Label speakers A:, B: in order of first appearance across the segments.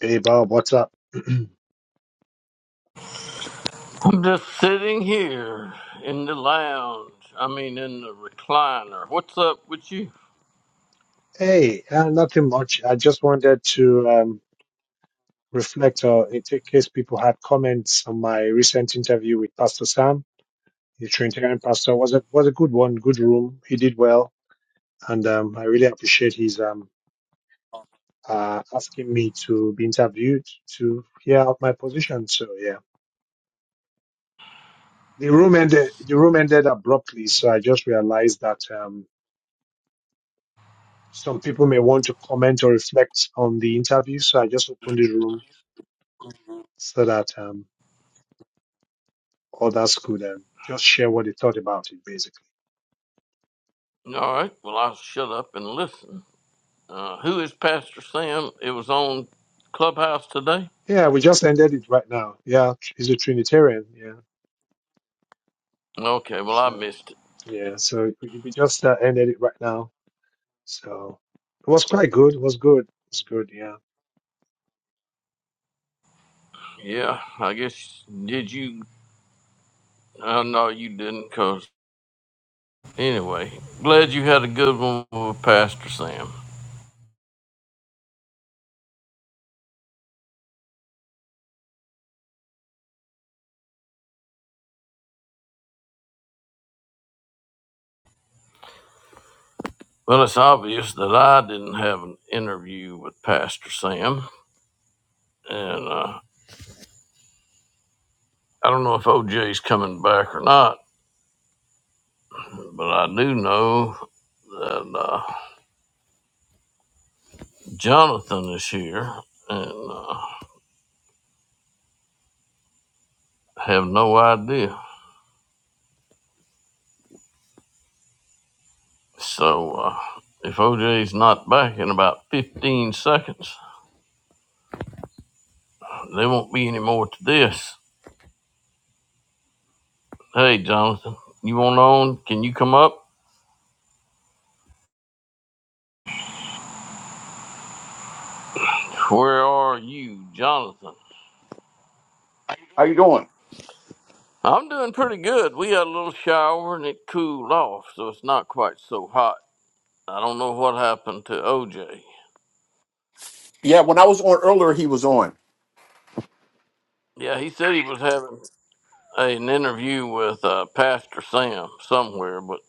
A: Hey Bob, what's up?
B: I'm just sitting here in the lounge. I mean, in the recliner. What's up with you?
A: Hey, uh, nothing much. I just wanted to um, reflect, or in t- case people had comments on my recent interview with Pastor Sam, the Trinitarian pastor, was a was a good one, good room. He did well, and um, I really appreciate his um, uh, asking me to be interviewed to hear out my position. So yeah, the room ended. The room ended abruptly, so I just realized that um, some people may want to comment or reflect on the interview. So I just opened the room
B: All
A: so that um, others could um, just share what they thought about it, basically.
B: right. Well, I'll shut up and listen. Uh, who is Pastor Sam? It was on Clubhouse today.
A: Yeah, we just ended it right now. Yeah, he's a Trinitarian. Yeah.
B: Okay. Well, I
A: So,
B: missed it.
A: yeah, so we we just uh, ended it right now. So it was quite good. It was good. It was good. Yeah.
B: Yeah. I guess did you? Uh, no, you didn't. Cause anyway, glad you had a good one with Pastor Sam. Well, it's obvious that I didn't have an interview with Pastor Sam, and uh, I don't know if OJ's coming back or not, but I do know that uh, Jonathan is here and uh, have no idea. So uh, if OJ's not back in about 15 seconds, there won't be any more to this. Hey, Jonathan, you want on? Can you come up? Where are you, Jonathan?
C: How you doing?
B: I'm doing pretty good. We had a little shower and it cooled off, so it's not quite so hot. I don't know what happened to OJ.
C: Yeah, when I was on earlier, he was on.
B: Yeah, he said he was having an interview with uh, Pastor Sam somewhere, but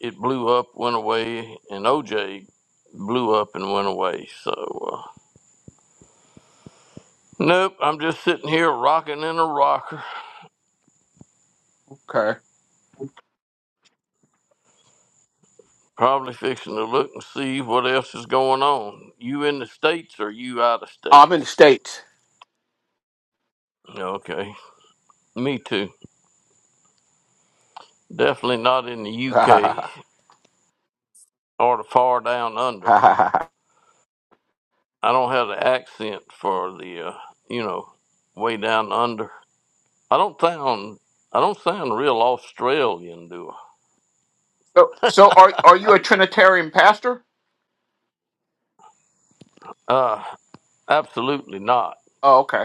B: it blew up, went away, and OJ blew up and went away. So, uh, nope, I'm just sitting here rocking in a rocker,
C: Okay.
B: probably fixing to look and see what else is going on. You in the States or you out of
C: I'm in the
B: States?
C: states.
B: Okay, me too. Definitely not in the UK or the far down under. I don't have the accent for the, uh, you know, way down under. I don't sound I don't sound real Australian, do I?
C: So, so are are you a Trinitarian pastor?
B: Uh, absolutely not.
C: Oh, okay.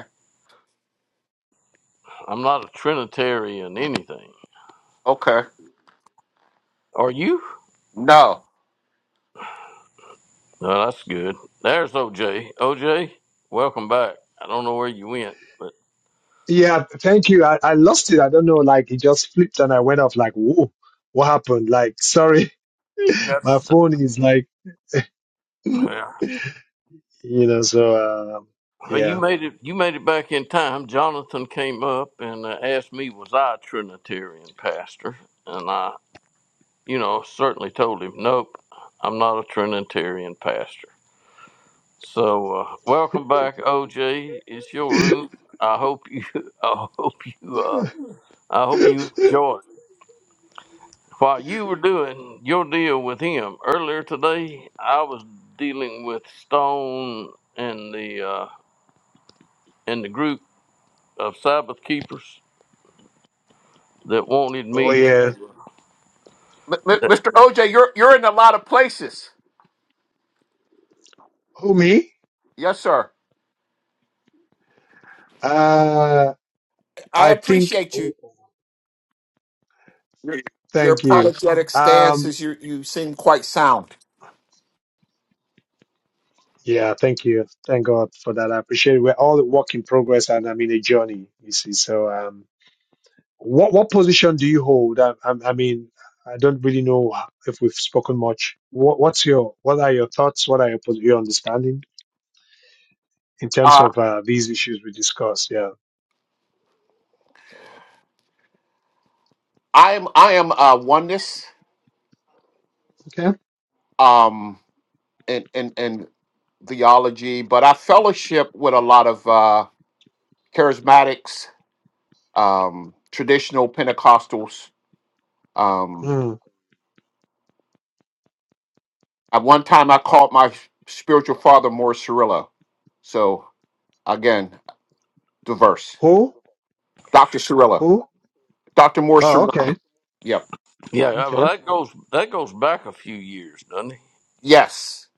B: I'm not a Trinitarian anything.
C: Okay.
B: Are you?
C: No,
B: No, that's good. There's OJ. OJ, welcome back. I don't know where you went, but
A: Yeah. Thank you. I, I lost it. I don't know. Like it just flipped and I went off like, whoa, what happened? Like, sorry,
B: Yep.
A: my phone is like, you
B: yeah.
A: know, so, um
B: well, you
A: yeah.
B: made it. You made it back in time. Jonathan came up and uh, asked me, "Was I a Trinitarian pastor?" And I, you know, certainly told him, "Nope, I'm not a Trinitarian pastor." So, uh, welcome back, OJ. It's your room. I hope you. I hope you. Uh, I hope you enjoyed. While you were doing your deal with him earlier today, I was dealing with Stone and the uh, and the group of Sabbath keepers that wanted
A: oh,
B: me. To,
A: yeah.
C: M- M-
B: that,
C: Mr. OJ, you're you're in a lot of places.
A: Who, me?
C: Yes, sir.
A: Uh,
C: I
A: I think.
C: appreciate you. Your
A: Thank you.
C: apologetic stances.
A: Um,
C: you. You seem quite sound.
A: yeah, thank you. Thank God for that. I appreciate it. We're all a work in progress, and I'm in a journey. You see, so um, what what position do you hold? I, I, I mean, I don't really know if we've spoken much. What what's your what are your thoughts? What are your pos- your understanding in terms
C: Uh,
A: of uh, these issues we discussed? Yeah.
C: I am I am uh, oneness
A: Okay.
C: um, in, in in theology, but I fellowship with a lot of uh, charismatics um, traditional Pentecostals. Um,
A: Mm.
C: at one time, I called my spiritual father Morris Cirillo. So again, diverse.
A: Who
C: Dr. Cirillo,
A: who?
C: Dr. Morris
A: Oh,
C: Cirillo.
A: okay.
C: Yep.
B: yeah, well,
A: Okay.
B: that goes that goes back a few years, doesn't it?
C: Yes.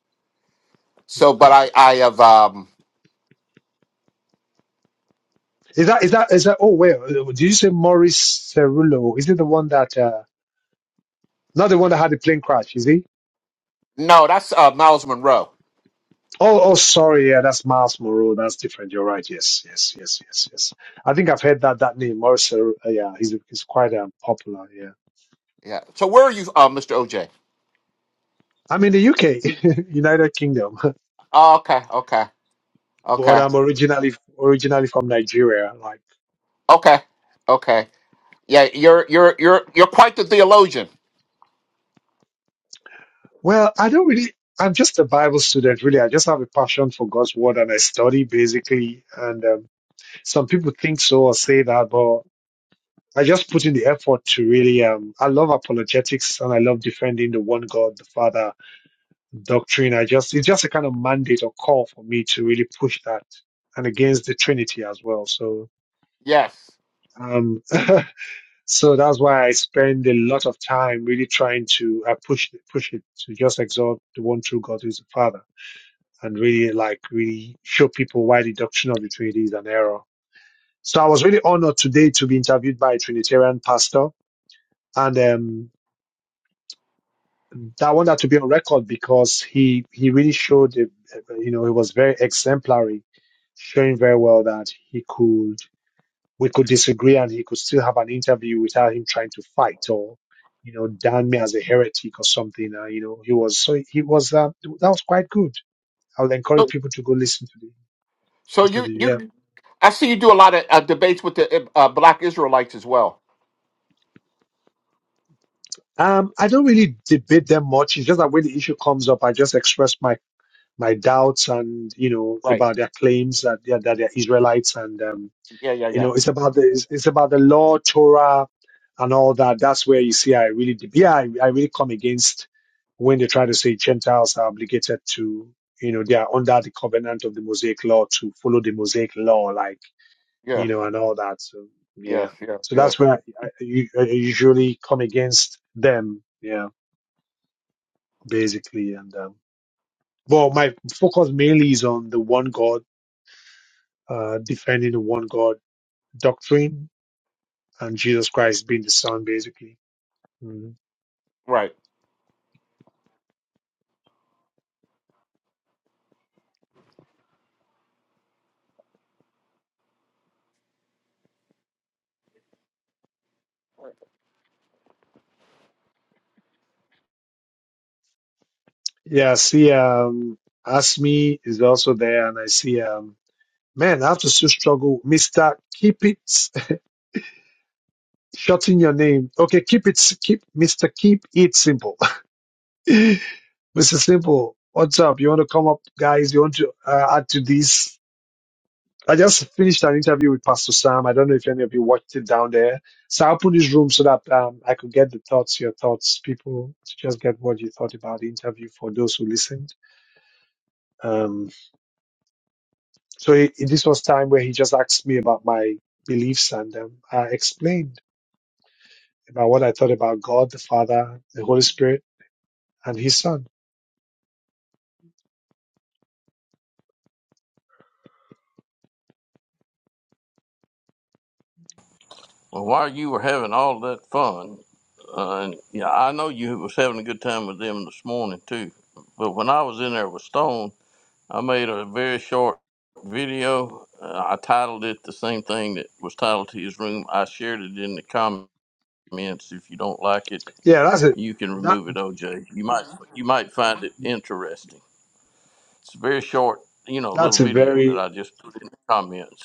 A: Hmm.
C: So, but I, I have, um,
A: Is that is that is that? Oh wait, uh, did you say Maurice Cerullo? Is it the one that uh, not the one that had the plane crash? Is he?
C: no, that's uh, Miles Monroe.
A: Oh, oh, sorry, yeah, that's Miles Moreau. That's different. You're right. Yes, yes, yes, yes, yes. I think I've heard that that name, Maurice. Cerullo. Uh, yeah, he's he's quite um, popular. Yeah,
C: Yeah. So where are you, uh, Mr. OJ?
A: I'm in the UK, United Kingdom,
C: Oh, okay. Okay.
A: but
C: Okay.
A: I'm originally originally from Nigeria. Like,
C: Okay. Okay. Yeah. You're, you're, you're, you're quite the theologian.
A: well, I don't really. I'm just a Bible student, really. I just have a passion for God's word, and I study basically. And um, some people think so or say that, but I just put in the effort to really. Um, I love apologetics and I love defending the one God, the Father doctrine. I just it's just a kind of mandate or call for me to really push that and against the Trinity as well. So,
C: Yes.
A: um, so that's why I spend a lot of time really trying to uh, push push it to just exalt the one true God who is the Father and really like really show people why the doctrine of the Trinity is an error. So I was really honored today to be interviewed by a Trinitarian pastor and um, So I want that to be on record because he he really showed, it, uh, you know, he was very exemplary, showing very well that he could we could disagree and he could still have an interview without him trying to fight or you know damn me as a heretic or something. Uh, you know, he was so he was uh, that was quite good. I would encourage
C: So,
A: people to go listen to the
C: so you,
A: interview. Yeah.
C: you, I see you do a lot of uh, debates with the uh, uh, Black Israelites as well.
A: Um, I don't really debate them much. It's just that when the issue comes up, I just express my my doubts and you know
C: Right?
A: about their claims that they're, that they're Israelites and um,
C: Yeah, yeah,
A: You
C: yeah,
A: know, it's about the it's, it's about the law, Torah, and all that. That's where you see I really deb- yeah I, I really come against when they try to say Gentiles are obligated to you know they are under the covenant of the Mosaic law to follow the Mosaic law, like
C: yeah,
A: you know, and all that. So yeah,
C: yes, yes,
A: so
C: yes.
A: that's where I, I, u- I usually come against them. Yeah, basically, and um, well, my focus mainly is on the one God, uh, defending the one God doctrine and Jesus Christ being the Son, basically. Mm.
C: Right.
A: Yeah, I see, um, Asmi is also there, and I see, um, man, I have to still struggle. Mr. Keep it, shorten your name. Okay, keep it, s- keep, Mr. Keep it simple. Mr. Simple, what's up? You want to come up, guys? You want to uh, add to this? I just finished an interview with Pastor Sam. I don't know if any of you watched it down there. So I opened this room so that um, I could get the thoughts, your thoughts, people, to just get what you thought about the interview for those who listened. Um, So he, this was time where he just asked me about my beliefs, and um, I explained about what I thought about God, the Father, the Holy Spirit, and His Son.
B: Well, while you were having all that fun, uh, and yeah, I know you was having a good time with them this morning too. But when I was in there with Stone, I made a very short video. Uh, I titled it the same thing that was titled to his room. I shared it in the comments. If you don't like it,
A: Yeah, that's a
B: you can
A: that
B: remove it, OJ. You might you might find it interesting. It's a very short, you know,
A: that's
B: little
A: a
B: video that
A: very
B: I just put in the comments.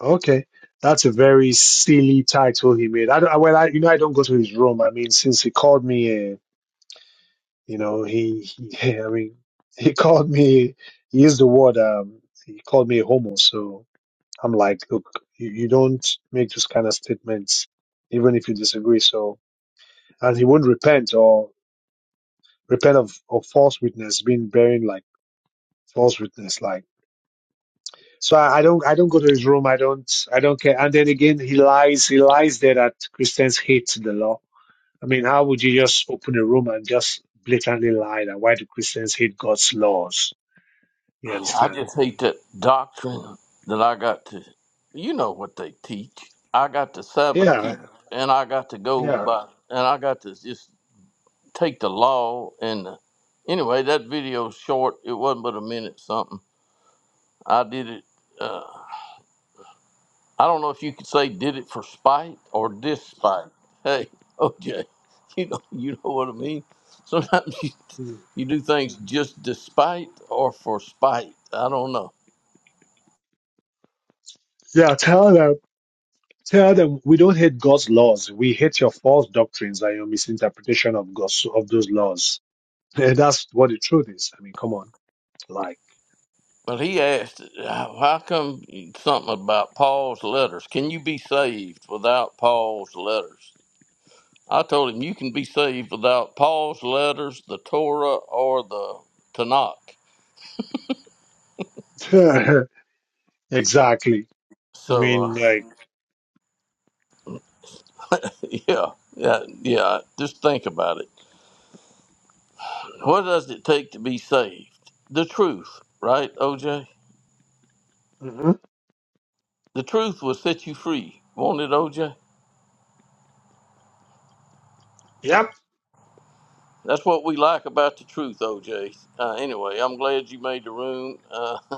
A: okay. That's a very silly title he made. I, don't- I well, I, you know, I don't go to his room. I mean, since he called me, uh, you know, he, he I mean, he called me. He used the word. Um, he called me a homo. So I'm like, look, you, you don't make those kind of statements even if you disagree. So and he wouldn't repent or repent of, of false witness being bearing like false witness like so I, I don't i don't go to his room i don't i don't care and then again he lies he lies there that christians hate the law i mean how would you just open a room and just blatantly lie that why do christians hate god's laws you
B: I
A: understand
B: just hate that doctrine that I got to. You know what they teach. I got to Sabbath
A: yeah
B: keep, and I got to go
A: yeah
B: by, and I got to just take the law. And the, anyway, that video's short. It wasn't but a minute something. I did it. Uh, I don't know if you could say did it for spite or despite. Hey, OJ, you know you know what I mean. Sometimes you,
A: Mm.
B: you do things just despite or for spite. I don't know.
A: yeah tell them tell them we don't hate god's laws we hate your false doctrines and your misinterpretation of god's of those laws that's what the truth is i mean come on Like,
B: But he asked, how how come something about Paul's letters? Can you be saved without Paul's letters? I told him you can be saved without Paul's letters, the Torah, or the Tanakh.
A: exactly. I
B: So,
A: mean,
B: uh,
A: like,
B: yeah, yeah, yeah. Just think about it. What does it take to be saved? The truth, right, OJ?
A: mhm.
B: The truth will set you free. Won't it, OJ?
A: yep.
B: That's what we like about the truth, OJ. Uh, anyway, I'm glad you made the room. Uh,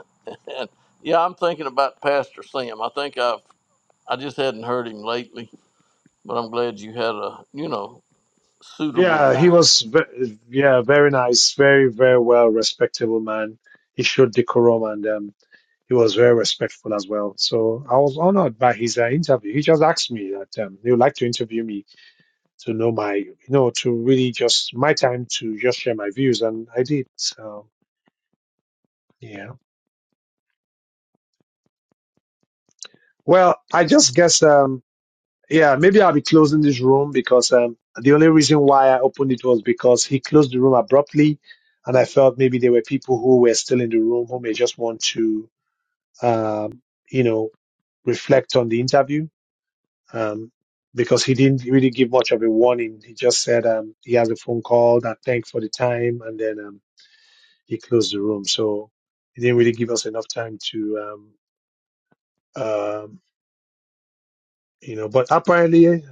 B: and yeah, I'm thinking about Pastor Sam. I think I've I just hadn't heard him lately, but I'm glad you had a you know suitable
A: Yeah, he
B: time.
A: was, ve- yeah, very nice, very, very well respectable man. He showed decorum and um, he was very respectful as well. So I was honored by his uh, interview. He just asked me that um, he would like to interview me to know my, you know, to really just my time to just share my views, and I did. So yeah. Well, I just guess. Um, Yeah, maybe I'll be closing this room because um, the only reason why I opened it was because he closed the room abruptly, and I felt maybe there were people who were still in the room who may just want to, um, you know, reflect on the interview. Um, because he didn't really give much of a warning. He just said um, he has a phone call that thanks for the time, and then um, he closed the room. So he didn't really give us enough time to, um, um, you know. But apparently,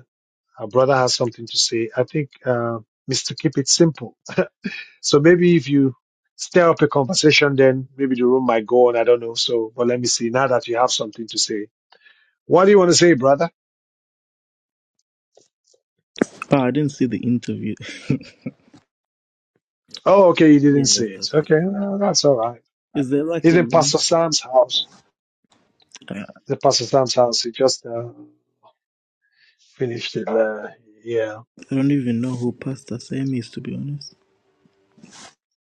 A: Our brother has something to say. I think uh, Mr. Keep It Simple. So maybe if you stir up a conversation, then maybe the room might go on. I don't know. So, but let me see. Now that you have something to say, what do you want to say, brother?
D: But I didn't see the interview.
A: Oh, okay. You didn't
D: yeah,
A: say it.
D: that's what.
A: Okay. well, that's all right.
D: Is there like
A: It's
D: a
A: in
D: link?
A: Pastor Sam's house.
D: I
A: The Pastor Sam's house. He just uh, finished it. Uh, yeah.
D: I don't even know who Pastor Sam is, to be honest.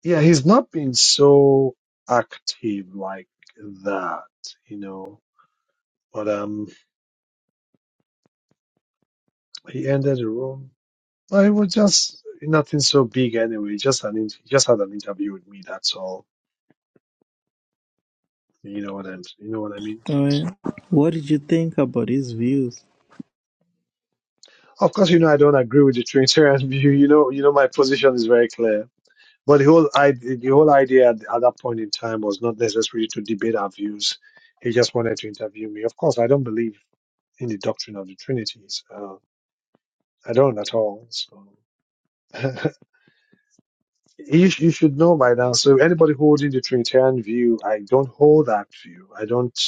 A: Yeah. He's not been so active like that, you know, but um, he ended the room. I was just nothing so big anyway. Just an int- just had an interview with me. That's all. You know what I'm. You know what I mean.
D: All right. What did you think about his views,
A: Of course, you know I don't agree with the Trinitarian view. You know, you know my position is very clear. But the whole I the whole idea at, at that point in time was not necessarily to debate our views. He just wanted to interview me. Of course, I don't believe in the doctrine of the Trinities. Uh, I don't at all. So. you, sh- you should know by now. So anybody holding the Trinitarian view, I don't hold that view. I don't.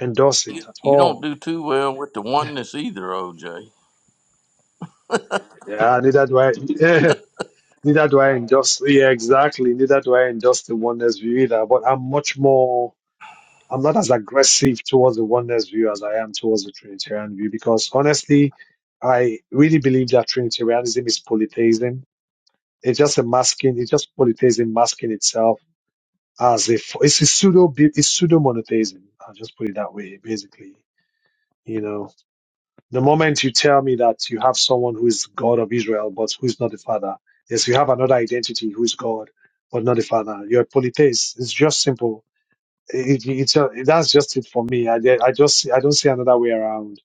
A: endorse it
B: You
A: at
B: you don't
A: all.
B: do too well with the oneness either, OJ.
A: Yeah, neither do I. neither do I endorse. Yeah, exactly. Neither do I endorse the oneness view either. But I'm much more. I'm not as aggressive towards the oneness view as I am towards the Trinitarian view because honestly, I really believe that Trinitarianism is polytheism. It's just a masking. It's just polytheism masking itself as if it's a pseudo. It's pseudo monotheism. I'll just put it that way, basically. You know. The moment you tell me that you have someone who is God of Israel, but who is not the Father, yes, you have another identity who is God, but not the Father. You're a polytheist. It's just simple. It, it, it's a- that's just it for me. I, I just I don't see another way around.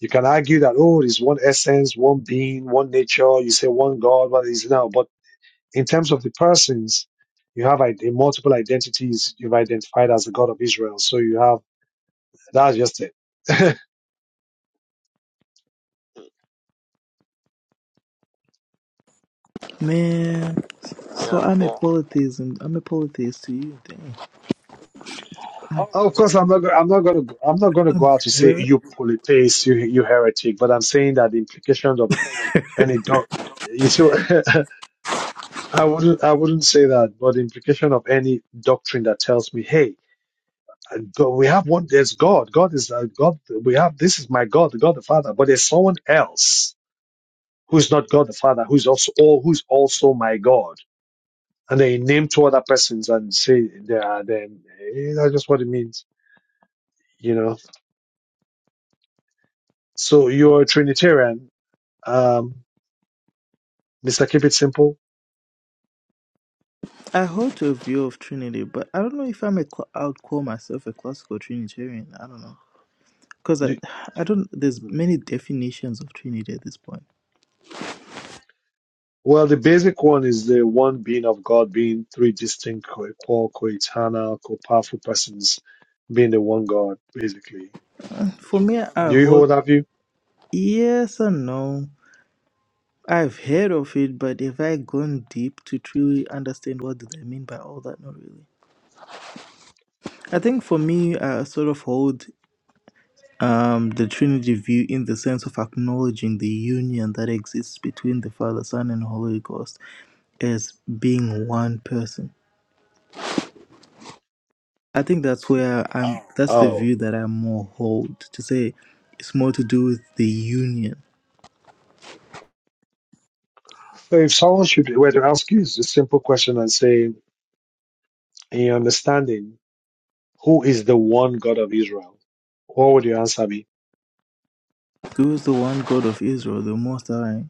A: You can argue that oh, there's one essence, one being, one nature. You say one God, but it's now. But in terms of the persons, you have ide- multiple identities. You've identified as the God of Israel, so you have that's just it.
D: man? So
B: Yeah,
D: I'm a polytheist, and I'm a polytheist to you. Damn.
A: Oh, Of course, I'm not. go- I'm not going to. I'm not going to go out to say
D: Yeah.
A: you polytheist, you you heretic. But I'm saying that the implications of any doc, you see, I wouldn't. I wouldn't say that. But the implication of any doctrine that tells me, hey, God, we have one. There's God. God is uh, God. We have this is my God, God the Father. But there's someone else who is not God the Father, who is also all who is also my God. And they name two other persons and say they are them. Eh, That's just what it means, you know. So you're a Trinitarian Um, Mr. Keep It Simple.
D: I hold to a view of Trinity, but I don't know if I'm a. cla- I would call myself a classical Trinitarian. I don't know because I,
A: The-
D: I don't. There's many definitions of Trinity at this point.
A: Well, the basic one is the one being of God being three distinct, co-equal, co-eternal, co-powerful persons being the one God, basically.
D: For me, I
A: Do you hold
D: hold
A: that view?
D: yes and no. I've heard of it, but have I gone deep to truly understand what do they mean by all that? Not really. I think for me, I sort of hold um, the Trinity view in the sense of acknowledging the union that exists between the Father, Son, and Holy Ghost as being one person. I think that's where I'm. That's the
A: Oh.
D: view that I more hold to say it's more to do with the union.
A: So if someone should were to ask you this simple question and say, in your understanding, who is the one God of Israel? What would your answer be?
D: Who is the one God of Israel, the Most High?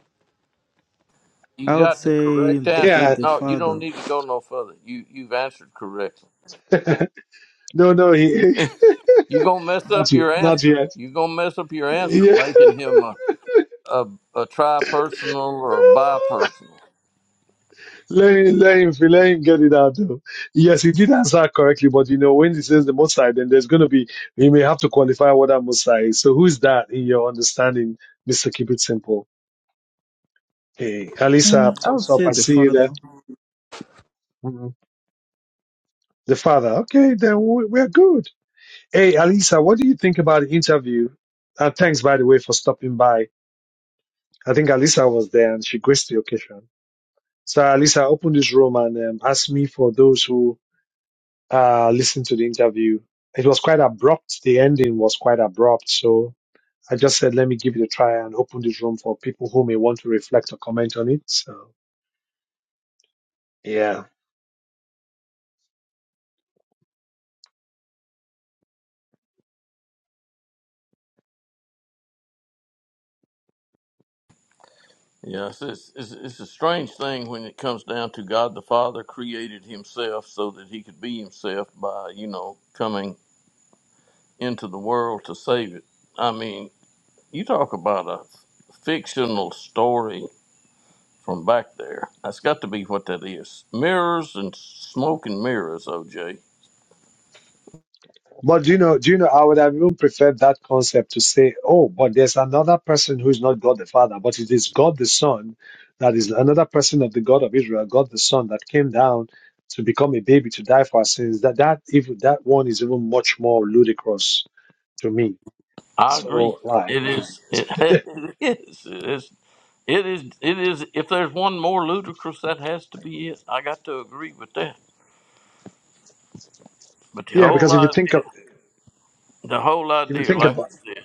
D: I
B: you
D: would
B: got the
D: say
B: correct
D: the
B: answer.
D: God
A: Yeah.
D: the
B: No, you don't
D: Father.
B: need to go no further. You you've answered correctly.
A: no, no, he,
B: You gonna mess
A: not
B: up
A: yet.
B: your
A: Not
B: answer.
A: yet.
B: You gonna mess up your answer,
A: Yeah.
B: making him a a, a tri-personal or a bi-personal.
A: Let him, let him, let him get it out. though. Yes, he did answer correctly, but you know, when he says the Most High, then there's going to be, he may have to qualify what that Most High is. So who's that in your understanding, Mr. Keep It Simple? Hey, Alisa,
D: I would
A: thumbs up.
D: say
A: I
D: the
A: see you
D: Father.
A: there. Mhm. The father. Okay, then we- we're good. Hey, Alisa, what do you think about the interview? And thanks, by the way, for stopping by. I think Alisa was there and she graced the occasion. So, Alisa, open this room and um, ask me for those who uh, listened to the interview. It was quite abrupt. The ending was quite abrupt. So I just said, let me give it a try and open this room for people who may want to reflect or comment on it. So yeah.
B: Yes, it's, it's, it's a strange thing when it comes down to God the Father created himself so that he could be himself by, you know, coming into the world to save it. I mean, you talk about a fictional story from back there. That's got to be what that is. Mirrors and smoke and mirrors, OJ.
A: But do you know, do you know, I would have even preferred that concept to say, oh, but there's another person who is not God the Father, but it is God the Son that is another person of the God of Israel, God the Son that came down to become a baby to die for our sins. That that even that one is even much more ludicrous to me.
B: I agree.
A: So like
B: It is. It, it is. It is. It is. It is. If there's one more ludicrous, that has to be it. I got to agree with that. But the
A: Yeah,
B: whole
A: because if you think
B: idea.
A: of
B: The whole
A: if you
B: idea,
A: think
B: like
A: about
B: you said,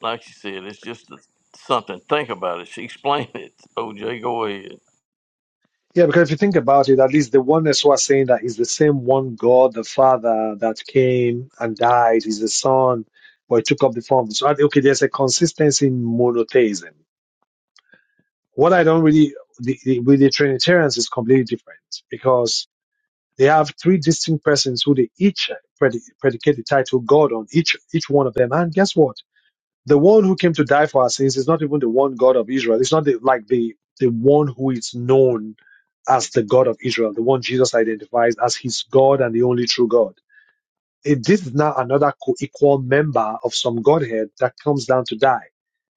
B: like you said, it's just something. Think about it. She explained it. OJ, go ahead.
A: yeah, because if you think about it, at least the oneness was saying that is the same one God, the Father that came and died, is the Son, but he took up the form. So I think, okay, there's a consistency in monotheism. What I don't really the, the, with the Trinitarians is completely different because they have three distinct persons who they each predi- predicate the title God on each each one of them. And guess what? the one who came to die for our sins is not even the one God of Israel. It's not the, like the the one who is known as the God of Israel, the one Jesus identifies as his God and the only true God. It, this is now another co-equal member of some Godhead that comes down to die.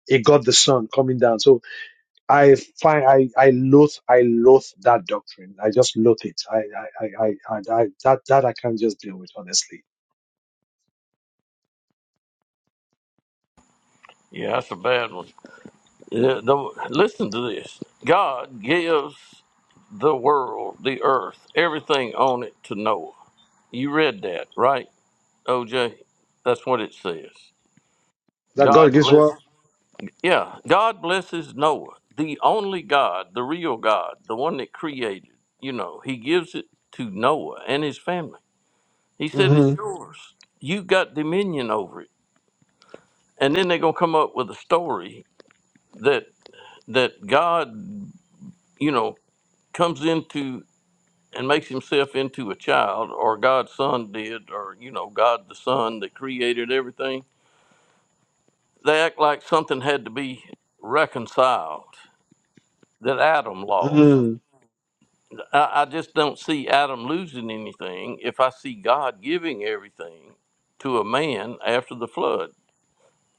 A: A God the Son coming down. So I find I I loathe I loathe that doctrine. I just loathe it. I I I, I, I, I that that I can't just deal with honestly.
B: Yeah, that's a bad one. Yeah, no, listen to this. God gives the world, the earth, everything on it to Noah. You read that, right, OJ? That's what it says.
A: That God
B: God
A: gives
B: bless.
A: what?
B: Yeah, God blesses Noah, the only God, the real God, the one that created. You know, He gives it to Noah and his family. He said, It's
A: Mm-hmm.
B: yours. You got dominion over it. And then they're gonna come up with a story that that God, you know, comes into and makes himself into a child, or God's son did, or you know, God the Son that created everything. They act like something had to be reconciled that Adam lost.
A: Mm-hmm.
B: I, I just don't see Adam losing anything if I see God giving everything to a man after the flood.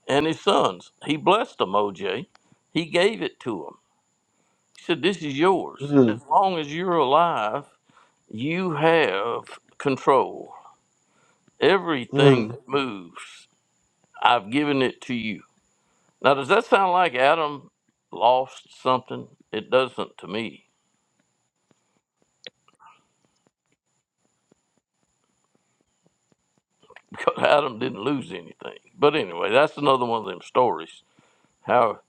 B: and his sons. He blessed them, OJ. He gave it to them. He said, This is yours. As
A: Mm-hmm.
B: long as you're alive, you have control. Everything
A: Mm.
B: that moves. I've given it to you. Now, does that sound like Adam lost something? It doesn't to me because Adam didn't lose anything. But anyway, that's another one of them stories how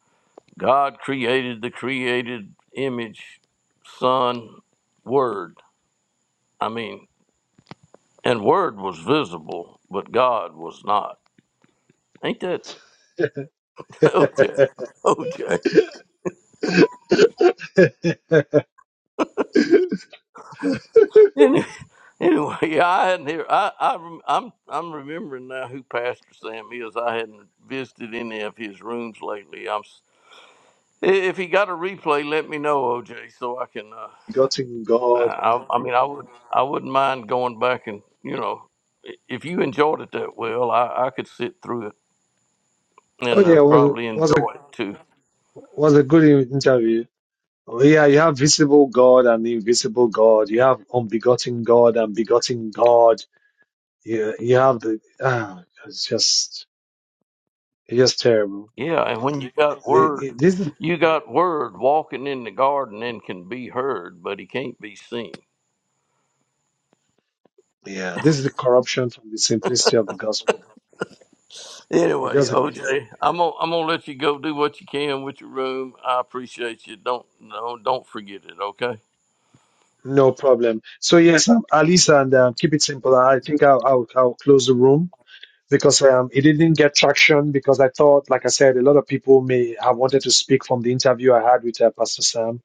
B: God created the created image, Son, Word. I mean, And Word was visible, but God was not. Ain't that OJ? OJ. Any- Anyway, yeah, I hadn't here. I, I rem- I'm I'm remembering now who Pastor Sam is. I hadn't visited any of his rooms lately. I'm s- i- if he got a replay, let me know, OJ, so I can. Uh,
A: Begotten God
B: I, I mean, I would I wouldn't mind going back and you know, i- if you enjoyed it that well, I, I could sit through it
A: Oh
B: and
A: yeah,
B: uh,
A: it was
B: probably
A: was a
B: enjoy it too.
A: was a good in- interview. Oh, yeah, you have visible God and invisible God. You have unbegotten God and begotten God. You you have the ah, it's just it's just terrible.
B: Yeah, and when you got
A: The-
B: word,
A: it- This is
B: you got word walking in the garden and can be heard, but he can't be seen.
A: yeah, this is the corruption from the simplicity of the gospel. It
B: Anyway,
A: just a- yeah,
B: OJ, I'm gonna I'm gonna let you go do what you can with your room. I appreciate you. Don't no, don't forget it. Okay.
A: no problem. So yes, um, Alisa, and uh, keep it simple. I think I'll, I'll I'll close the room. because um, it didn't get traction because I thought, like I said, a lot of people may have wanted to speak from the interview I had with uh, Pastor Sam,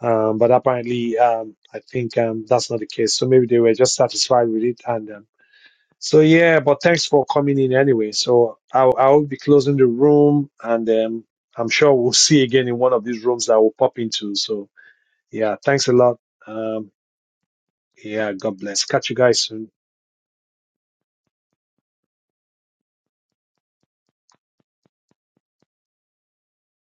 A: um, but apparently um, I think um, that's not the case. So maybe they were just satisfied with it. And um, so, yeah, but thanks for coming in anyway. So I'll, I'll be closing the room and um, I'm sure we'll see again in one of these rooms that we'll pop into. So, yeah, thanks a lot. Um, yeah, God bless. Catch you guys soon.